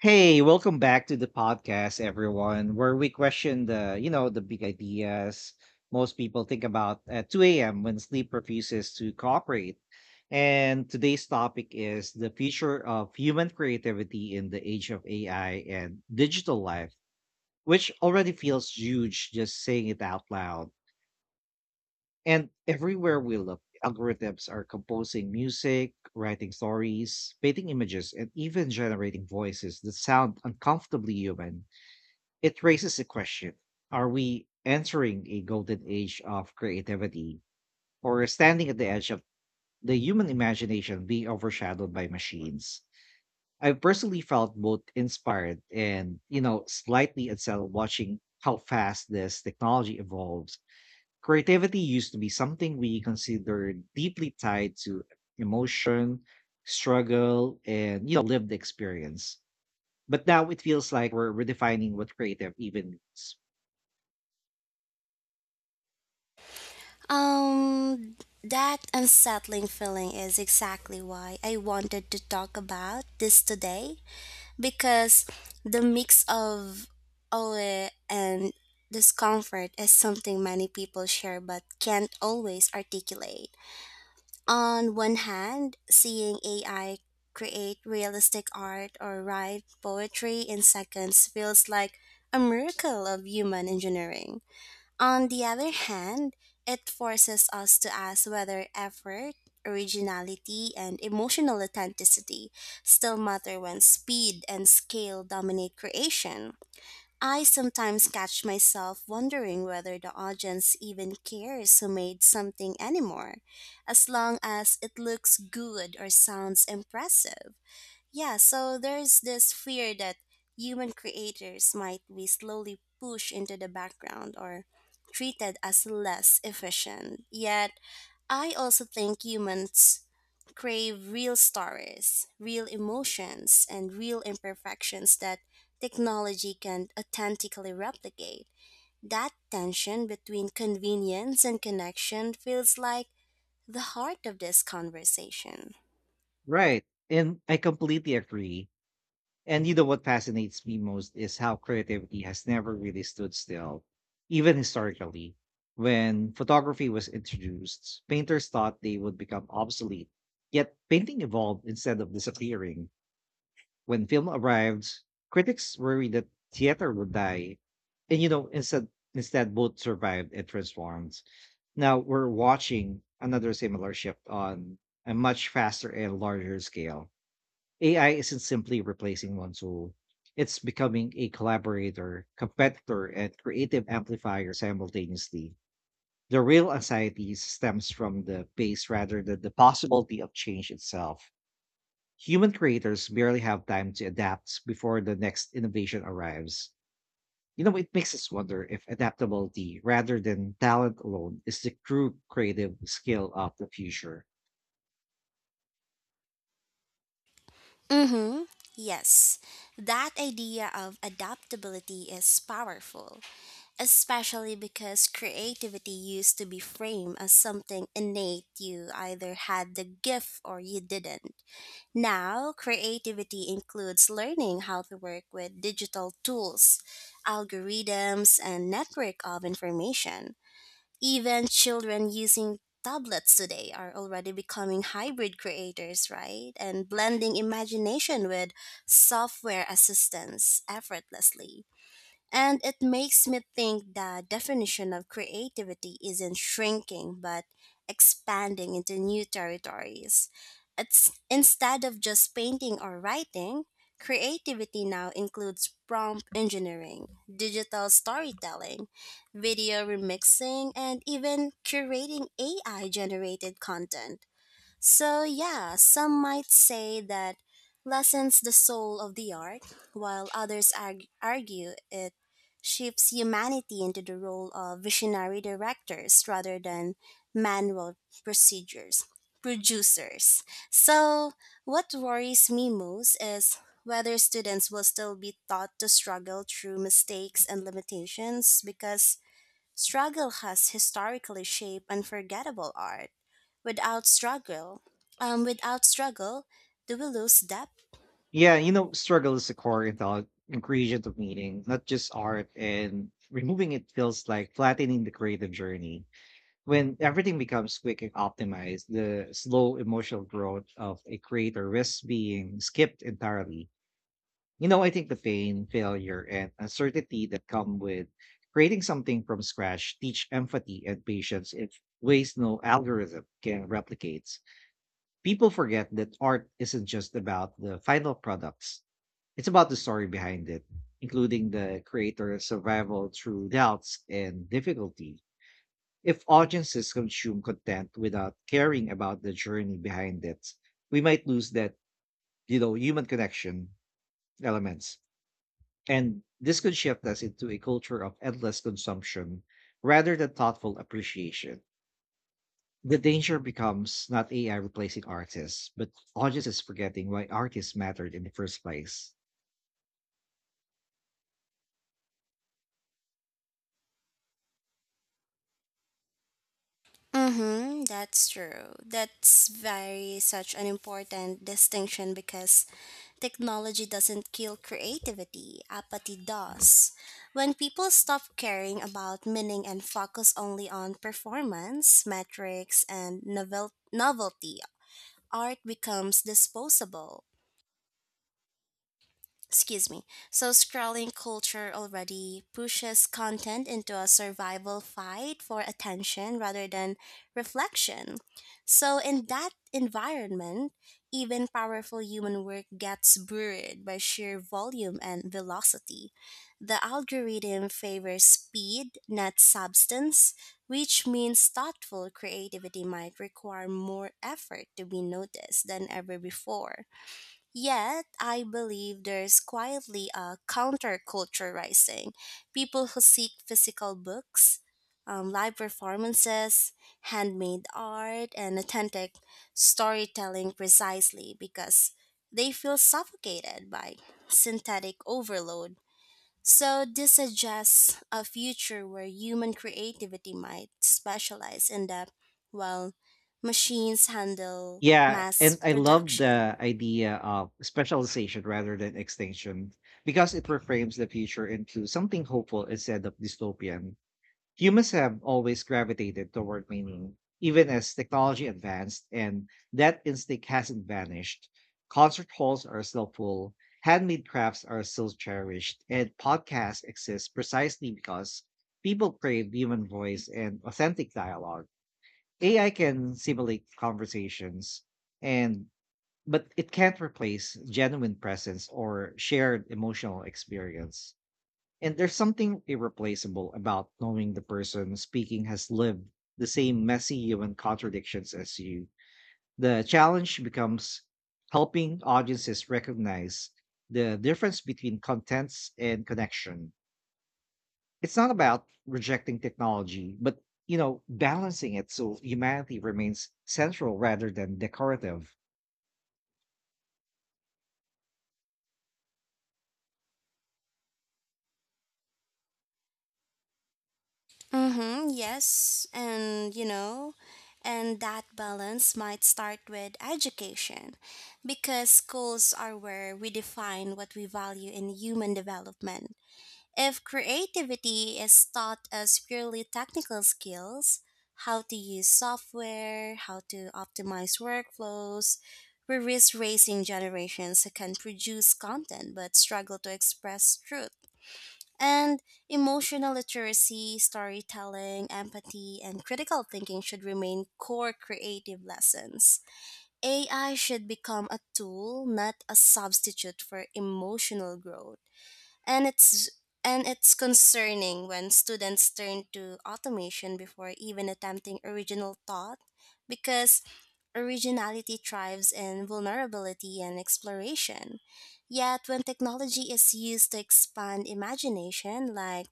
Hey, welcome back to the podcast, everyone, where we question the big ideas most people think about at 2 a.m. when sleep refuses to cooperate. And today's topic is the future of human creativity in the age of AI and digital life, which already feels huge just saying it out loud. And everywhere we look, algorithms are composing music, writing stories, painting images, and even generating voices that sound uncomfortably human. It raises a question. Are we entering a golden age of creativity or standing at the edge of the human imagination being overshadowed by machines? I've personally felt both inspired and, slightly unsettled watching how fast this technology evolves. Creativity used to be something we considered deeply tied to emotion, struggle, and lived experience. But now it feels like we're redefining what creative even means. Um, that unsettling feeling is exactly why I wanted to talk about this today, because the mix of awe and discomfort is something many people share but can't always articulate. On one hand, seeing AI create realistic art or write poetry in seconds feels like a miracle of human engineering. On the other hand, it forces us to ask whether effort, originality, and emotional authenticity still matter when speed and scale dominate creation. I sometimes catch myself wondering whether the audience even cares who made something anymore, as long as it looks good or sounds impressive. Yeah, so there's this fear that human creators might be slowly pushed into the background or treated as less efficient. Yet, I also think humans crave real stories, real emotions, and real imperfections that technology can authentically replicate. That tension between convenience and connection feels like the heart of this conversation. Right. And I completely agree. And you know what fascinates me most is how creativity has never really stood still, even historically. When photography was introduced, painters thought they would become obsolete, yet painting evolved instead of disappearing. When film arrived, critics worried that theater would die. And you know, instead both survived and transformed. Now we're watching another similar shift on a much faster and larger scale. AI isn't simply replacing one tool. It's becoming a collaborator, competitor, and creative amplifier simultaneously. The real anxiety stems from the pace rather than the possibility of change itself. Human creators barely have time to adapt before the next innovation arrives. You know, it makes us wonder if adaptability rather than talent alone is the true creative skill of the future. Mm-hmm. Yes, that idea of adaptability is powerful, especially because creativity used to be framed as something innate you either had the gift or you didn't. Now, creativity includes learning how to work with digital tools, algorithms, and network of information. Even children using tablets today are already becoming hybrid creators, right? And blending imagination with software assistance effortlessly. And it makes me think the definition of creativity isn't shrinking but expanding into new territories. It's instead of just painting or writing, creativity now includes prompt engineering, digital storytelling, video remixing, and even curating AI generated content. So, yeah, some might say that lessens the soul of the art, while others argue it shifts humanity into the role of visionary directors rather than manual procedures producers. So, what worries me most is whether students will still be taught to struggle through mistakes and limitations, because struggle has historically shaped unforgettable art. Without struggle, um, without struggle, do we lose depth? Yeah, you know, struggle is the core ingredient of meaning, not just art, and removing it feels like flattening the creative journey. When everything becomes quick and optimized, the slow emotional growth of a creator risks being skipped entirely. You know, I think the pain, failure, and uncertainty that come with creating something from scratch teach empathy and patience in ways no algorithm can replicate. People forget that art isn't just about the final products, it's about the story behind it, including the creator's survival through doubts and difficulty. If audiences consume content without caring about the journey behind it, we might lose that human connection elements. And this could shift us into a culture of endless consumption rather than thoughtful appreciation. The danger becomes not AI replacing artists, but audiences forgetting why artists mattered in the first place. Mm-hmm, that's true. That's very such an important distinction because technology doesn't kill creativity, apathy does. When people stop caring about meaning and focus only on performance, metrics, and novelty, art becomes disposable. Excuse me. So, scrolling culture already pushes content into a survival fight for attention rather than reflection. So, in that environment, even powerful human work gets buried by sheer volume and velocity. The algorithm favors speed, not substance, which means thoughtful creativity might require more effort to be noticed than ever before. Yet, I believe there's quietly a counterculture rising. People who seek physical books, live performances, handmade art, and authentic storytelling precisely because they feel suffocated by synthetic overload. So, this suggests a future where human creativity might specialize in depth while machines handle Yeah, mass and I love the production. idea of specialization rather than extinction because it reframes the future into something hopeful instead of dystopian. Humans have always gravitated toward meaning, even as technology advanced, and that instinct hasn't vanished. Concert halls are still full, handmade crafts are still cherished, and podcasts exist precisely because people crave human voice and authentic dialogue. AI can simulate conversations and but it can't replace genuine presence or shared emotional experience. And there's something irreplaceable about knowing the person speaking has lived the same messy human contradictions as you. The challenge becomes helping audiences recognize the difference between contents and connection. It's not about rejecting technology, but balancing it so humanity remains central rather than decorative. Mm-hmm, yes, and you know, and that balance might start with education, because schools are where we define what we value in human development. If creativity is taught as purely technical skills, how to use software, how to optimize workflows, we risk raising generations who can produce content but struggle to express truth. And emotional literacy, storytelling, empathy, and critical thinking should remain core creative lessons. AI should become a tool, not a substitute for emotional growth. And it's and it's concerning when students turn to automation before even attempting original thought, because originality thrives in vulnerability and exploration. Yet, when technology is used to expand imagination, like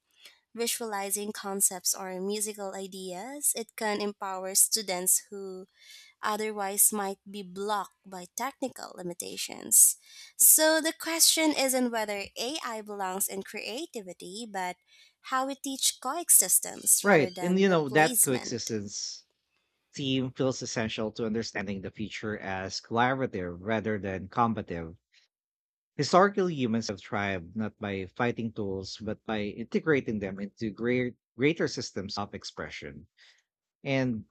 visualizing concepts or musical ideas, it can empower students who otherwise might be blocked by technical limitations. So the question isn't whether AI belongs in creativity, but how we teach coexistence rather Right. And than you know, that replacement. coexistence team feels essential to understanding the future as collaborative rather than combative. Historically, humans have thrived not by fighting tools, but by integrating them into greater systems of expression. And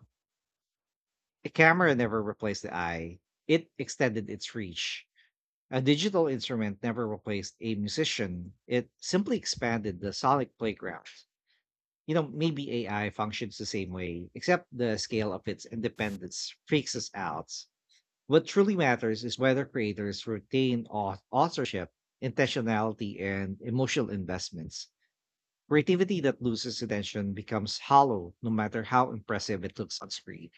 the camera never replaced the eye, it extended its reach. A digital instrument never replaced a musician, it simply expanded the sonic playground. You know, maybe AI functions the same way, except the scale of its independence freaks us out. What truly matters is whether creators retain authorship, intentionality, and emotional investments. Creativity that loses attention becomes hollow, no matter how impressive it looks on screen.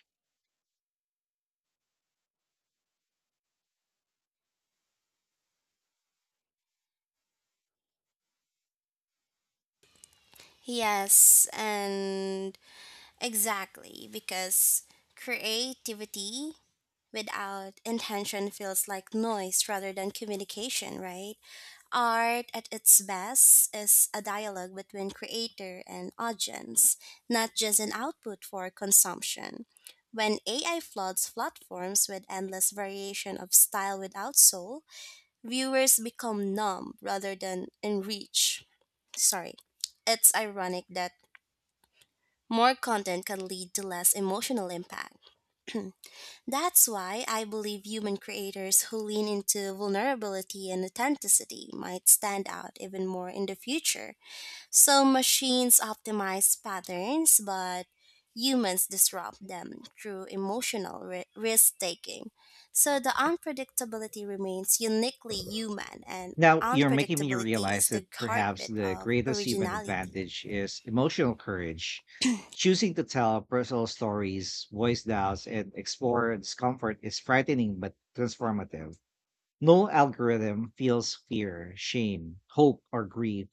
Yes, and exactly, because creativity without intention feels like noise rather than communication, right? Art at its best is a dialogue between creator and audience, not just an output for consumption. When AI floods platforms with endless variation of style without soul, viewers become numb rather than enriched. Sorry. It's ironic that more content can lead to less emotional impact. That's why I believe human creators who lean into vulnerability and authenticity might stand out even more in the future. So machines optimize patterns, but humans disrupt them through emotional risk taking. So the unpredictability remains uniquely human, and Now, you're making me unpredictability is realize that the perhaps heartbeat the of greatest human originality. advantage is emotional courage. Choosing to tell personal stories, voice doubts, and explore discomfort is frightening but transformative. No algorithm feels fear, shame, hope, or grief.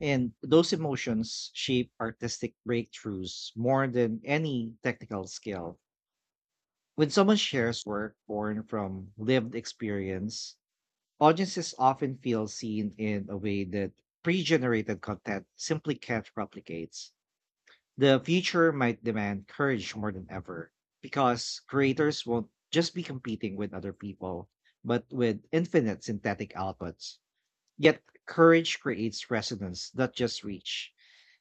And those emotions shape artistic breakthroughs more than any technical skill. When someone shares work born from lived experience, audiences often feel seen in a way that pre generated content simply can't replicate. The future might demand courage more than ever because creators won't just be competing with other people, but with infinite synthetic outputs. Yet, courage creates resonance, not just reach.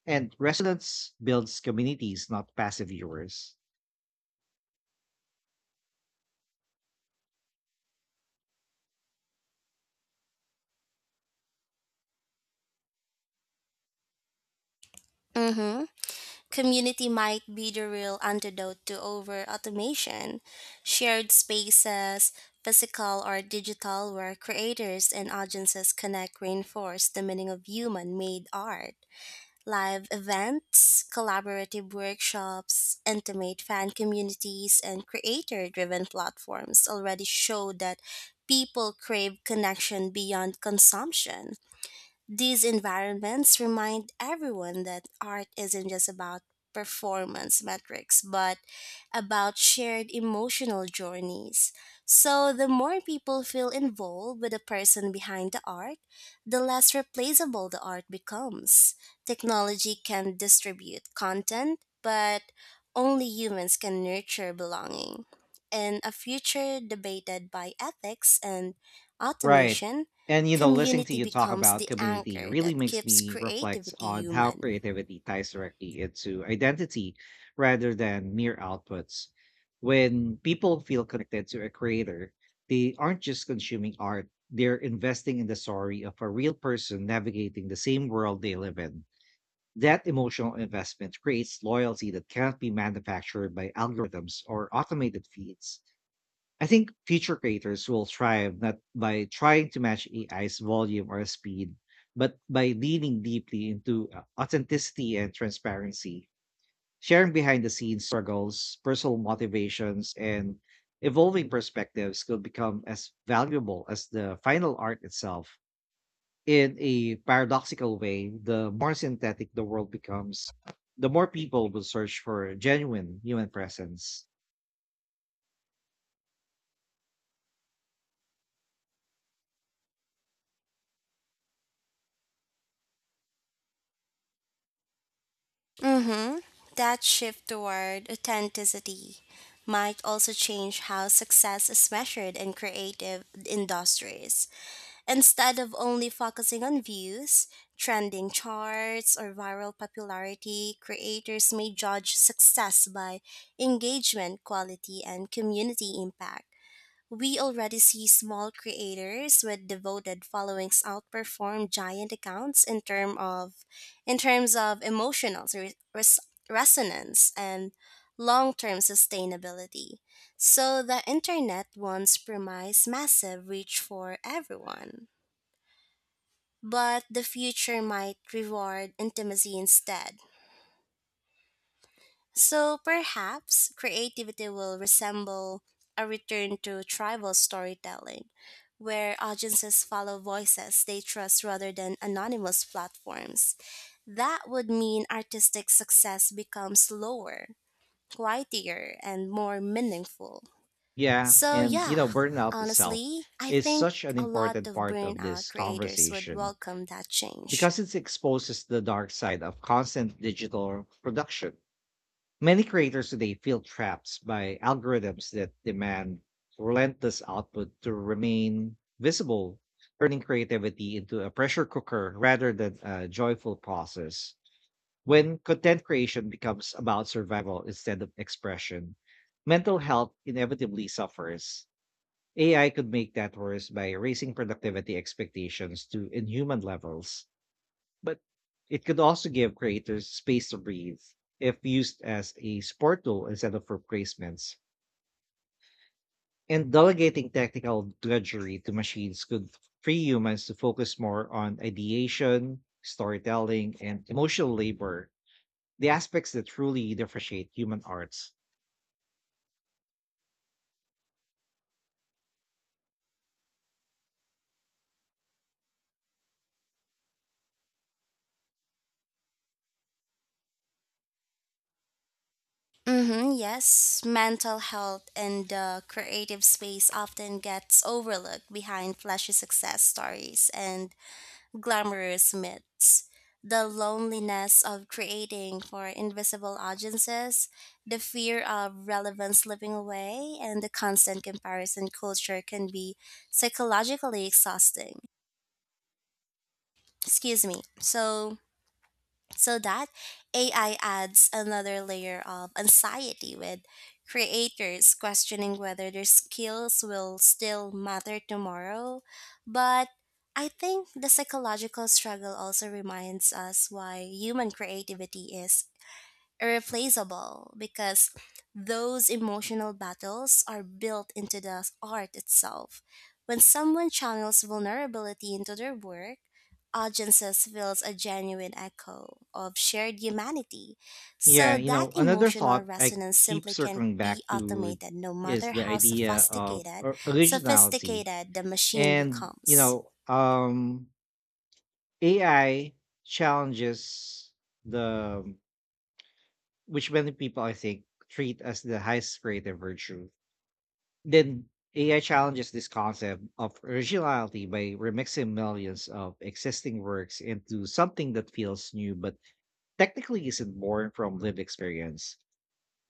And resonance builds communities, not passive viewers. Mm-hmm. Community might be the real antidote to over automation. Shared spaces, physical or digital, where creators and audiences connect reinforce the meaning of human made art. Live events, collaborative workshops, intimate fan communities, and creator driven platforms already show that people crave connection beyond consumption. These environments remind everyone that art isn't just about performance metrics, but about shared emotional journeys. So, the more people feel involved with the person behind the art, the less replaceable the art becomes. Technology can distribute content, but only humans can nurture belonging. In a future debated by ethics and Right. automation, And you know, listening to community you talk becomes about the community anchor really that makes keeps me reflect creativity on how human. creativity ties directly into identity rather than mere outputs. When people feel connected to a creator, they aren't just consuming art, they're investing in the story of a real person navigating the same world they live in. That emotional investment creates loyalty that cannot be manufactured by algorithms or automated feeds. I think future creators will thrive not by trying to match AI's volume or speed, but by leaning deeply into authenticity and transparency, sharing behind the scenes struggles, personal motivations, and evolving perspectives could become as valuable as the final art itself. In a paradoxical way, the more synthetic the world becomes, the more people will search for genuine human presence. Mm-hmm. That shift toward authenticity might also change how success is measured in creative industries. Instead of only focusing on views, trending charts, or viral popularity, creators may judge success by engagement, quality, and community impact. We already see small creators with devoted followings outperform giant accounts in terms of emotional resonance and long-term sustainability. So the internet once promised massive reach for everyone, but the future might reward intimacy instead. So perhaps creativity will resemble a return to tribal storytelling, where audiences follow voices they trust rather than anonymous platforms. That would mean artistic success becomes slower, quieter, and more meaningful. Yeah, So, and you yeah, know, burnout itself honestly, I is think such an a lot important of part of burnout this creators would conversation welcome that change. because it exposes the dark side of constant digital production. Many creators today feel trapped by algorithms that demand relentless output to remain visible, turning creativity into a pressure cooker rather than a joyful process. When content creation becomes about survival instead of expression, mental health inevitably suffers. AI could make that worse by raising productivity expectations to inhuman levels, but it could also give creators space to breathe if used as a support tool instead of replacements. And delegating technical drudgery to machines could free humans to focus more on ideation, storytelling, and emotional labor, the aspects that truly differentiate human arts. Mm-hmm, yes, mental health and the creative space often gets overlooked behind flashy success stories and glamorous myths. The loneliness of creating for invisible audiences, the fear of relevance slipping away, and the constant comparison culture can be psychologically exhausting. Excuse me. So, that AI adds another layer of anxiety with creators questioning whether their skills will still matter tomorrow. But I think the psychological struggle also reminds us why human creativity is irreplaceable, because those emotional battles are built into the art itself. When someone channels vulnerability into their work, audiences feels a genuine echo of shared humanity. Yeah, So you that know, another emotional thought I resonance keep simply can't circling be back to automated no is matter the how idea of sophisticated originality. sophisticated the machine And, you becomes. know, um AI challenges the which many people I think treat as the highest creative virtue. Then AI challenges this concept of originality by remixing millions of existing works into something that feels new but technically isn't born from lived experience.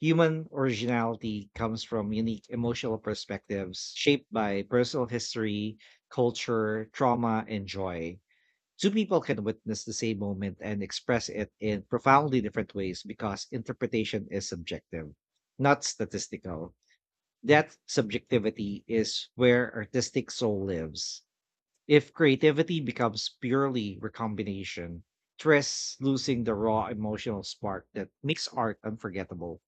Human originality comes from unique emotional perspectives shaped by personal history, culture, trauma, and joy. Two people can witness the same moment and express it in profoundly different ways because interpretation is subjective, not statistical. That subjectivity is where artistic soul lives. If creativity becomes purely recombination, it risks losing the raw emotional spark that makes art unforgettable.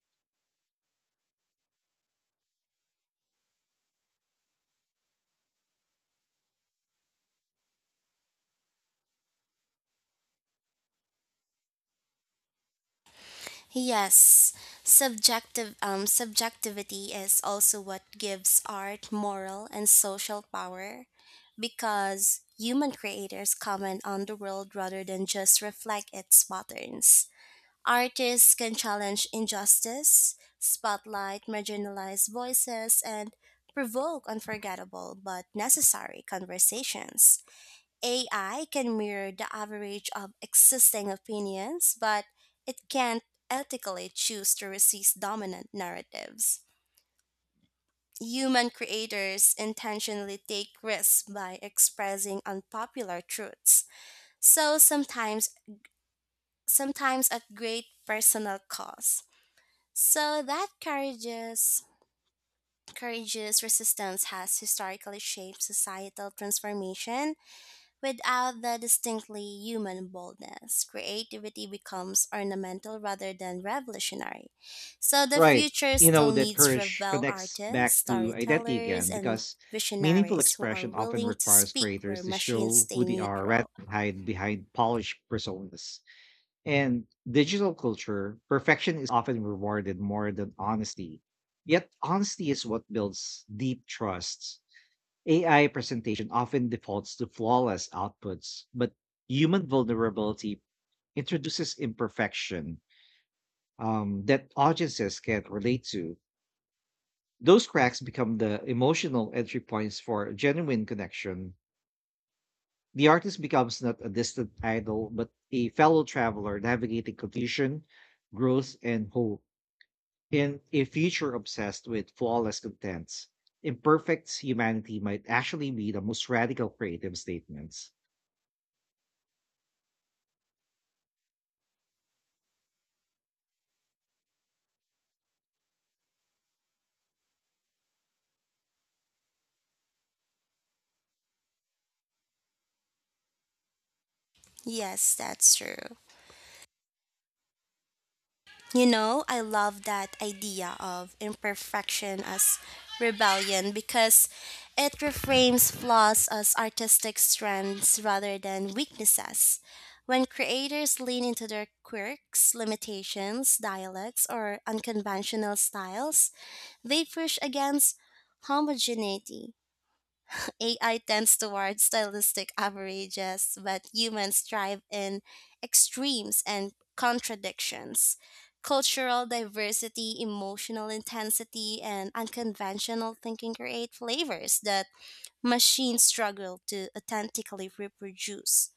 Yes, subjective subjectivity is also what gives art moral and social power, because human creators comment on the world rather than just reflect its patterns. Artists can challenge injustice, spotlight marginalized voices, and provoke unforgettable but necessary conversations. AI can mirror the average of existing opinions, but it can't ethically choose to resist dominant narratives. Human creators intentionally take risks by expressing unpopular truths, so sometimes at great personal cost. So that courageous resistance has historically shaped societal transformation. Without the distinctly human boldness, creativity becomes ornamental rather than revolutionary. So the Right. future You know, still that needs courage rebel connects artists, back to identity storytellers, again and because meaningful visionaries who are expression often willing to requires speak where creators to machines show stay who they are rather neutral. than hide behind polished personas. And digital culture, perfection is often rewarded more than honesty. Yet honesty is what builds deep trust. AI presentation often defaults to flawless outputs, but human vulnerability introduces imperfection that audiences can relate to. Those cracks become the emotional entry points for genuine connection. The artist becomes not a distant idol, but a fellow traveler navigating confusion, growth, and hope in a future obsessed with flawless contents. Imperfect humanity might actually be the most radical creative statements. Yes, that's true. You know, I love that idea of imperfection as rebellion, because it reframes flaws as artistic strengths rather than weaknesses. When creators lean into their quirks, limitations, dialects, or unconventional styles, they push against homogeneity. AI tends toward stylistic averages, but humans thrive in extremes and contradictions. Cultural diversity, emotional intensity, and unconventional thinking create flavors that machines struggle to authentically reproduce.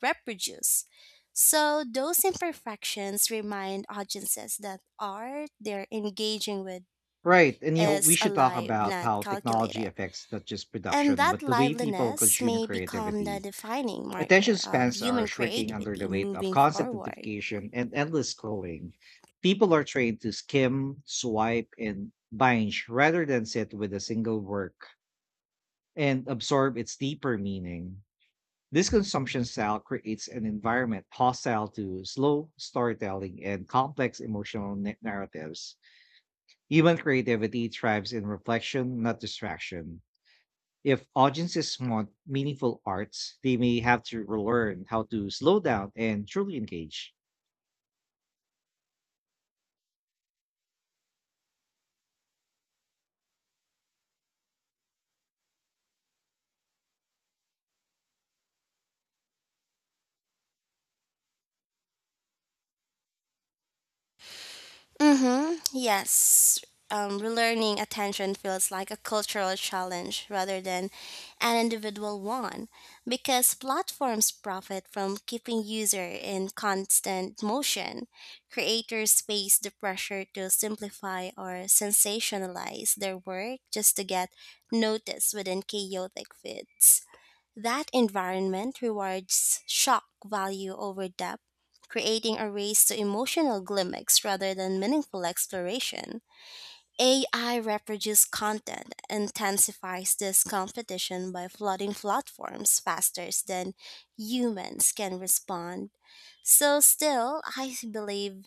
Reproduce. So those imperfections remind audiences that art they're engaging with Right. And you know, we is should talk alive, about not how technology calculated. affects not just And production, that but the way people liveliness consume may become the creativity. defining Attention marker of spans are human shrinking under the creativity weight of moving constant forward. notification and endless scrolling. People are trained to skim, swipe, and binge rather than sit with a single work and absorb its deeper meaning. This consumption style creates an environment hostile to slow storytelling and complex emotional narratives. Human creativity thrives in reflection, not distraction. If audiences want meaningful arts, they may have to learn how to slow down and truly engage. Mm-hmm. Yes. Relearning attention feels like a cultural challenge rather than an individual one, because platforms profit from keeping user in constant motion. Creators face the pressure to simplify or sensationalize their work just to get noticed within chaotic feeds. That environment rewards shock value over depth, creating a race to emotional gimmicks rather than meaningful exploration. AI reproduced content intensifies this competition by flooding platforms faster than humans can respond. So, still, I believe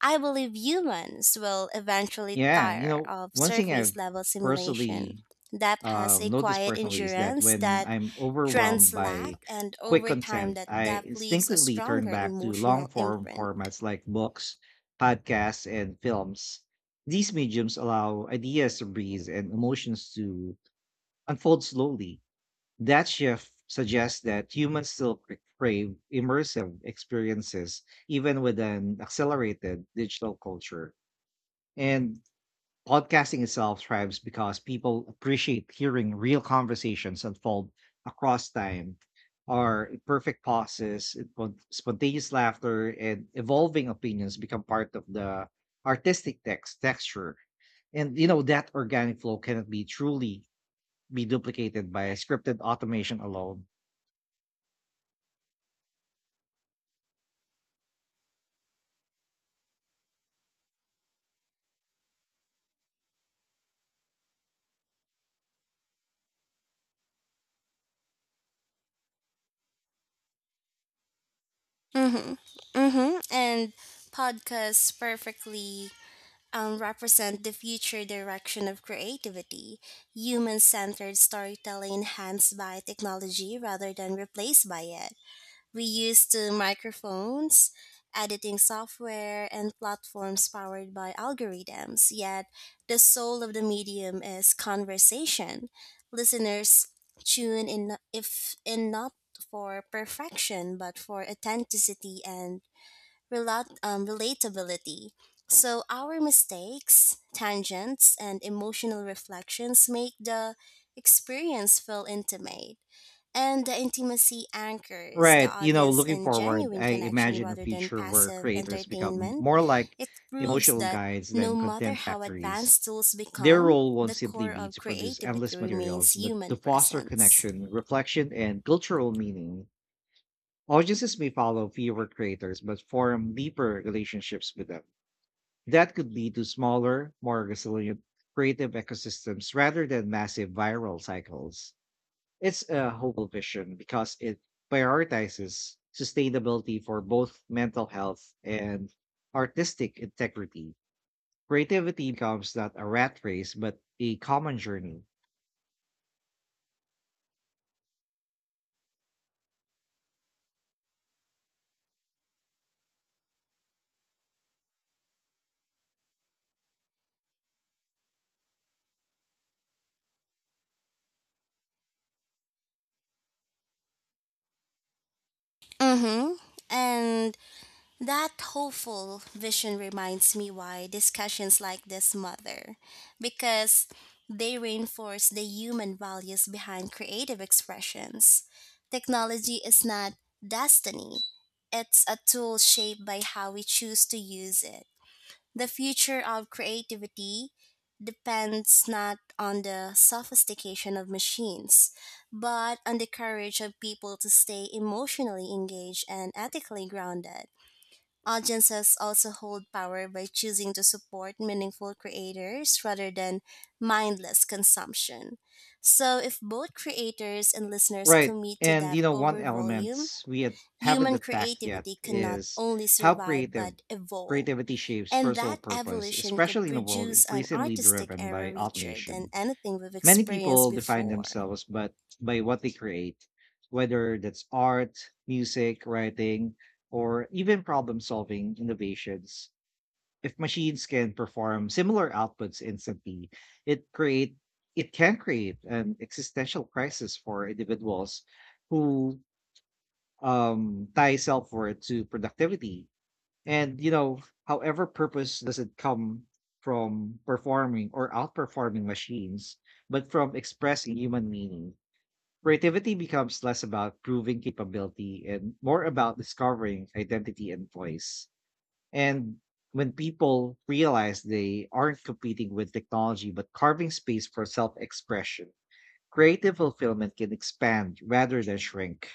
I believe humans will eventually Yeah, you tire know, of one thing I've surface level simulation. personally Depth has a noticed quiet personally is that endurance when that I'm trends overwhelmed by lack, and quick over time, content, that I depth leaves a instinctively turn stronger back to long emotional form imprint. formats like books, podcasts, and films. These mediums allow ideas to breathe and emotions to unfold slowly. That shift suggests that humans still crave immersive experiences, even with an accelerated digital culture. And podcasting itself thrives because people appreciate hearing real conversations unfold across time, or imperfect pauses, spontaneous laughter, and evolving opinions become part of the artistic texture. And you know that organic flow cannot be truly be duplicated by scripted automation alone. Mm-hmm. Mm-hmm. And podcasts perfectly represent the future direction of creativity, human centered storytelling enhanced by technology rather than replaced by it. We used to microphones, editing software, and platforms powered by algorithms. Yet, the soul of the medium is conversation. Listeners tune in if in not for perfection, but for authenticity and relatability. So, our mistakes, tangents, and emotional reflections make the experience feel intimate. And the intimacy anchors the Right. You know, audience looking in forward, genuine I connection imagine a rather than future where passive creators become entertainment. more like It proves emotional that guides no than matter content how factories. advanced tools Their become, role won't the simply core be of to produce creativity endless remains materials, but to human foster presence. connection, reflection, and cultural meaning. Audiences may follow fewer creators, but form deeper relationships with them. That could lead to smaller, more resilient creative ecosystems rather than massive viral cycles. It's a hopeful vision because it prioritizes sustainability for both mental health and artistic integrity. Creativity becomes not a rat race, but a common journey. Mm-hmm. And that hopeful vision reminds me why discussions like this matter, because they reinforce the human values behind creative expressions. Technology is not destiny, it's a tool shaped by how we choose to use it. The future of creativity depends not on the sophistication of machines, but on the courage of people to stay emotionally engaged and ethically grounded. Audiences also hold power by choosing to support meaningful creators rather than mindless consumption. So, if both creators and listeners Right. commit to And, depth you know, one over volume, element we haven't human attacked yet creativity can not is only how survive creative but evolve. creativity shapes And personal that purpose, evolution could especially in a world produce an increasingly artistic driven era by richer than automation. anything we've Many experienced people define before. themselves but by what they create, whether that's art, music, writing, or even problem solving innovations. If machines can perform similar outputs instantly, it create it can create an existential crisis for individuals who tie self worth to productivity and, you know, however purpose doesn't come from performing or outperforming machines, but from expressing human meaning. Creativity becomes less about proving capability and more about discovering identity and voice. And when people realize they aren't competing with technology but carving space for self expression, creative fulfillment can expand rather than shrink.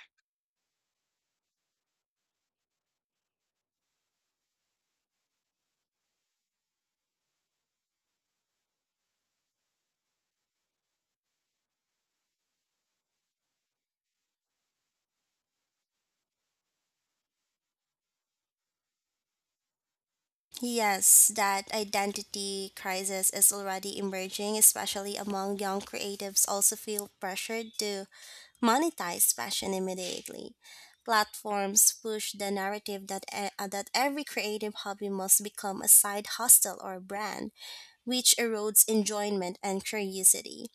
Yes, that identity crisis is already emerging, especially among young creatives also feel pressured to monetize passion immediately. Platforms push the narrative that every creative hobby must become a side hustle or brand, which erodes enjoyment and curiosity.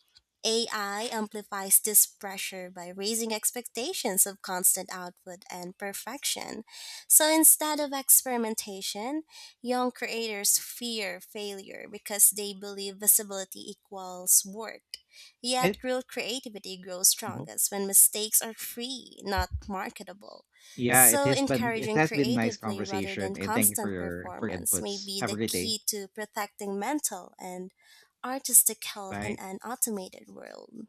AI amplifies this pressure by raising expectations of constant output and perfection. So instead of experimentation, young creators fear failure because they believe visibility equals work. Yet And real creativity grows mhm. strongest when mistakes are free, not marketable. Yeah, it So, has been it encouraging has been nice creative play rather conversation than and thank you for constant your performance may inputs. be Have a the great day. key to protecting mental and artistic health in Bye. an automated world.